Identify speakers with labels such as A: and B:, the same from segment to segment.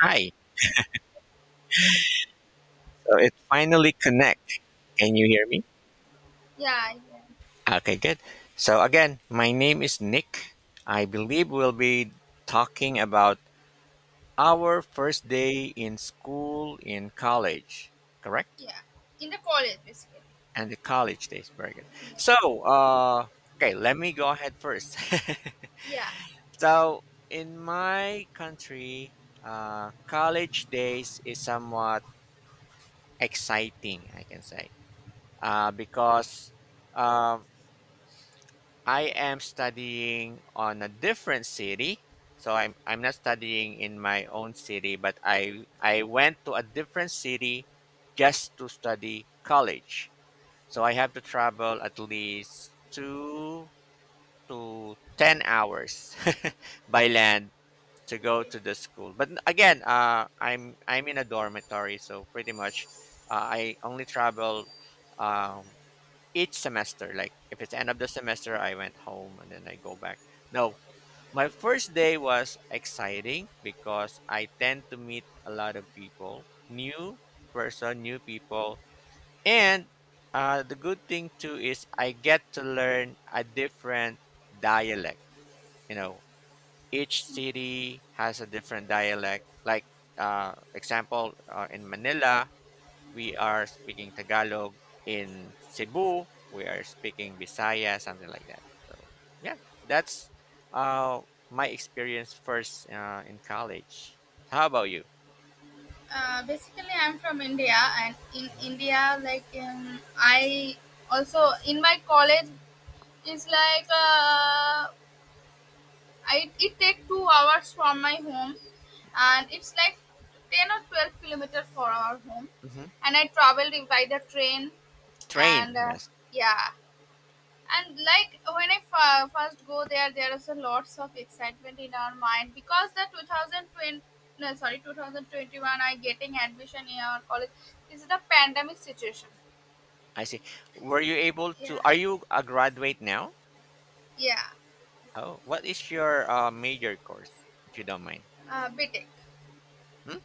A: Hi. So it finally connect. Can you hear me?
B: Yeah, yeah,
A: Okay, good. So again, my name is Nick. I believe we'll be talking about our first day in school in college, correct?
B: yeah. In the college, basically.
A: And the college days. Very good. So, uh, okay, let me go ahead first.
B: Yeah.
A: So, in my country, college days is somewhat exciting, I can say, because um I am studying on a different city. So I'm not studying in my own city, but I went to a different city just to study college. So I have to travel at least 2 to 10 hours by land to go to the school. But again, I'm in a dormitory, so pretty much I only travel um, each semester. Like if it's end of the semester, I went home and then I go back. No, my first day was exciting because I tend to meet a lot of people, new person, new people, and the good thing too is I get to learn a different dialect. You know, each city has a different dialect. Like example, in Manila, we are speaking Tagalog in Cebu. We are speaking Bisaya, something like that. So yeah, that's uh, my experience first in college. How about you?
B: Basically, I'm from India, and in
A: Hmm.
B: India, like I also in my college is like I it take 2 hours from my home, and it's like 10 or 12 kilometer for our home,
A: Hmm.
B: and I traveled by the train, and
A: Train, yes.
B: yeah, and like when I first go there is a lots of excitement in our mind because the 2020, no, sorry, 2021 I getting admission in our college. This is the pandemic situation.
A: I see. Were you able
B: Yeah.
A: to? Are you a graduate now?
B: Yeah.
A: Oh, what is your major course, if you don't mind?
B: Btech.
A: Hmm?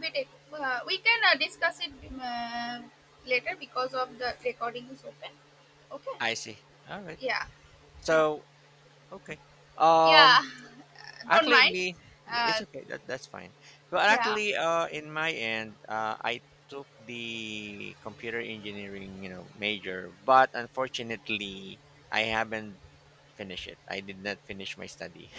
B: Btech, we can discuss it uh, later because of the recording is open. Okay.
A: I see. All right.
B: Yeah. Yeah.
A: So okay.
B: Yeah.
A: Um,
B: Don't
A: Actually,
B: mind.
A: me, yeah,
B: uh,
A: it's okay. That's fine. But
B: yeah.
A: actually, in my end, I took the computer engineering, major, but unfortunately, I haven't finished it. I did not finish my study.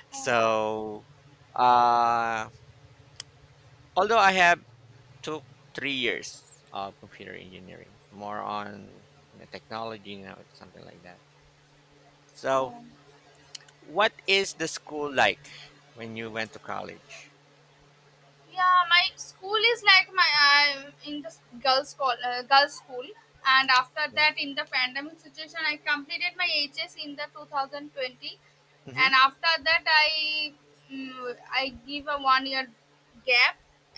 B: Oh.
A: so, uh, although I have took 3 years of computer engineering, more on technology, something like that. So,
B: Oh.
A: what is the school like when you went to college?
B: Yeah, my school is like my I'm in the girls call girls school, and after that in the pandemic situation, I completed my HS in the 2020.
A: Mm-hmm.
B: And after that I give a one year gap,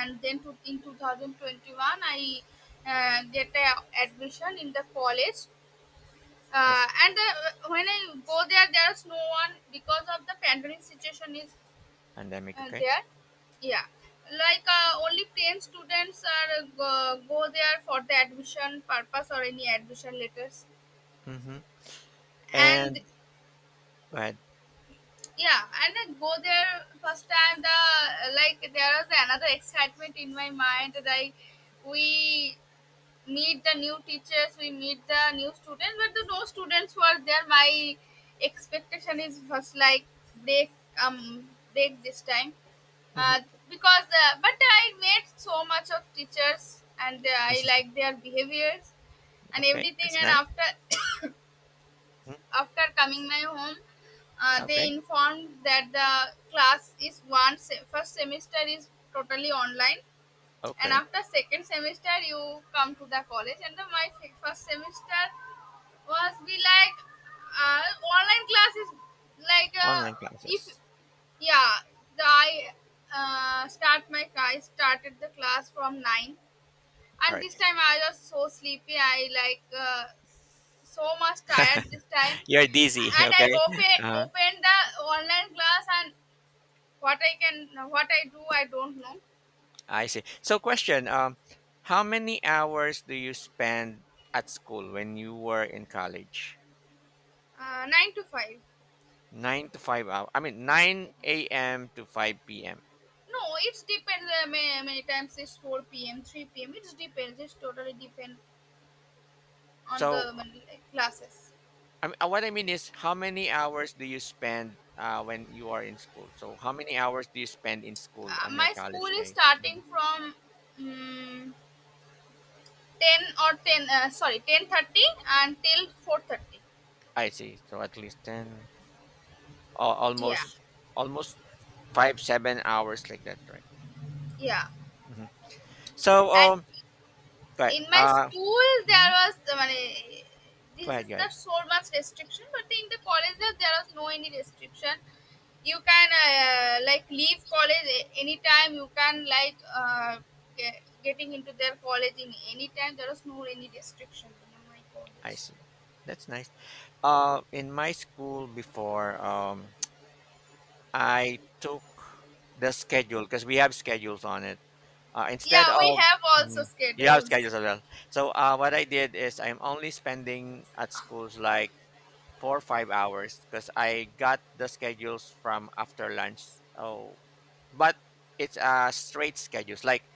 B: and then to, in 2021 I get a admission in the college. Uh,
A: Yes.
B: and uh, when I go there, there's no one because of the pandemic situation is
A: Pandemic. Okay.
B: there. Yeah, like only plain students are go there for the admission purpose or any admission letters.
A: Mm-hmm.
B: And
A: And right.
B: yeah, and then go there first time the like there was another excitement in my mind, like we meet the new teachers, we meet the new students, but the no students were there. My expectation is first, like, break um break this time,
A: Mm-hmm.
B: uh, because, but I made so much of teachers, and I like their behaviors and
A: Okay.
B: everything.
A: That's
B: And
A: nice.
B: after
A: Hmm.
B: after coming my home, they
A: Okay.
B: informed that the class is first semester is totally online. And
A: Okay.
B: after second semester you come to the college, and first semester was be like uh, online class is like
A: Online
B: if.
A: classes.
B: Yeah, I start my class. I started the class from 9,
A: All
B: and
A: right.
B: this time I was so sleepy. I like so much tired this time,
A: You're dizzy.
B: and I
A: Okay.
B: open
A: Uh,
B: opened the online class, and what I do I don't know.
A: I see. So, question. How many hours do you spend at school when you were in college?
B: 9 to 5.
A: 9 to 5 hours. I mean, 9 a.m. to 5 p.m.
B: No, it depends. Many, many times it's 4 p.m., 3 p.m. It depends. It's totally depend on the
A: So,
B: classes.
A: I mean, what I mean is, how many hours do you spend when you are in school? So, how many hours do you spend in school on your
B: My school
A: college
B: is
A: day?
B: starting from. mm 10 or 10, sorry, 10:30 until 4:30.
A: I see. So at least ten, al-
B: Yeah,
A: almost, almost five, 7 hours like that, right?
B: yeah.
A: Hmm. So,
B: And
A: go ahead.
B: in my school there was মানে,
A: Go
B: this is
A: ahead, go
B: the
A: ahead.
B: so much restriction. But in the college there was no any restriction. You can like leave college anytime. You can like uh, getting into their college in any time. There was no any restriction in my
A: I
B: college.
A: see. That's nice. In my school before, I took the schedule because we have schedules on it. Instead
B: Yeah, we
A: of.
B: have also
A: Mhm. You
B: schedules.
A: schedules as well. So what I did is I'm only spending at schools like 4 or 5 hours because I got the schedules from after lunch. Oh, but it's a straight schedules. Like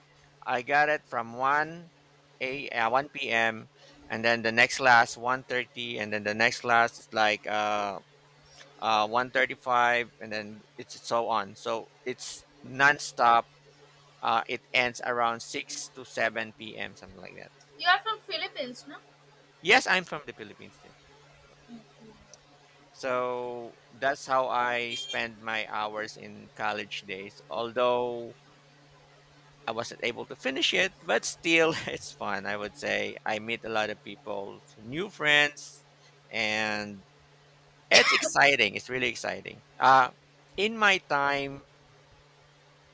A: I got it from one a 1 p.m. and then the next class 1:30, and then the next class is like 1:35, and then it's so on. So it's nonstop it ends around 6 to 7 p.m., something like that.
B: You are from Philippines, no?
A: Yes, I'm from the Philippines too. Correct. So that's how I spend my hours in college days. Although I wasn't able to finish it, but still it's fun. I would say I meet a lot of people, new friends, and it's exciting. It's really exciting. In my time,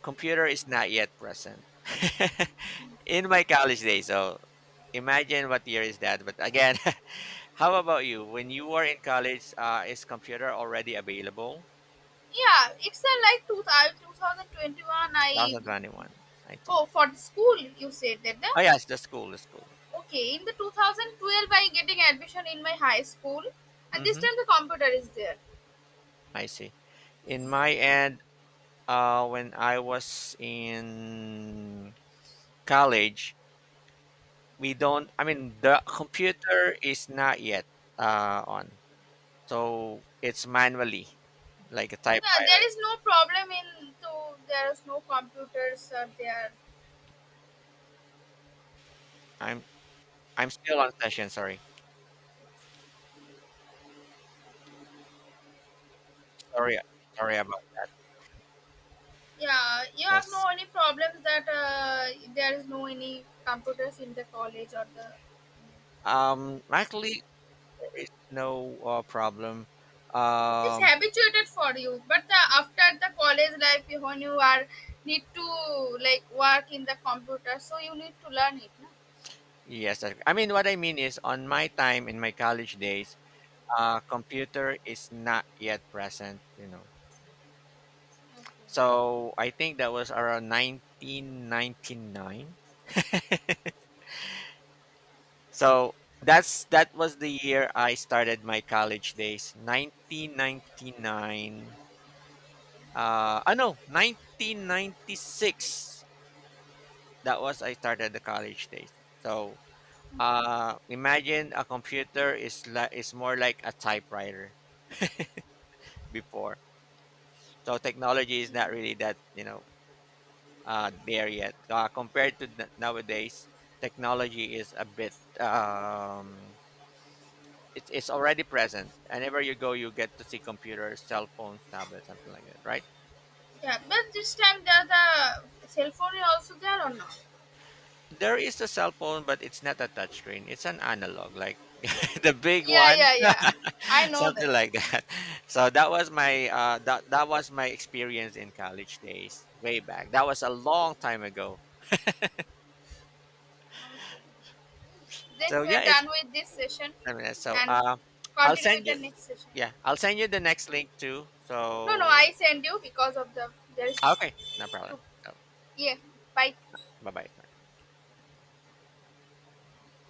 A: computer is not yet present. In my college days, so imagine what year is that. But again, how about you? When you were in college, is computer already available?
B: Yeah, it's like two 2021. I
A: 2021, I see.
B: Oh, for the school you said that the
A: Oh yes, the school, the school.
B: okay, in the 2012 I getting admission in my high school, and this
A: Mm-hmm.
B: time the computer is there.
A: I see. In my end, when I was in college, we don't. I mean, the computer is not yet on, so it's manually, like a
B: Yeah,
A: typewriter.
B: there is no problem in, so there is no computers are there.
A: I'm I'm still on session. Sorry, sorry, sorry about
B: Yeah, you have
A: this.
B: no any problems that, there is no any computers in the college or the.
A: Actually, there is no problem.
B: It's
A: Um,
B: habituated for you, but after the college life, when you are need to like work in the computer, so you need to learn it. No?
A: yes, I mean what I mean is on my time in my college days, computer is not yet present. You know, so I think that was around 1999. So that was the year I started my college days, 1999. I know, 1996. That was I started the college days. So imagine a computer is is more like a typewriter before. So technology is not really that there yet compared to nowadays. Technology is a bit. Um, it's it's already present. Whenever you go, you get to see computers, cell phones, tablets, something like that, right?
B: Yeah, but this time there the cell phone is also there or not?
A: There is a cell phone, but it's not a touchscreen. It's an analog, like the big
B: Yeah,
A: one,
B: yeah, yeah. I know that.
A: something like that. So that was my that was my experience in college days, way back. That was a long time ago.
B: Okay. Then
A: So yeah,
B: we're
A: it's
B: done with this session
A: I mean, so
B: and
A: I'll
B: continue with
A: send
B: the
A: you.
B: next session.
A: Yeah, I'll send you the next link too.
B: No, no,
A: So
B: I send you because of the, there is
A: okay, no problem.
B: to.
A: So
B: Yeah. Bye.
A: bye bye.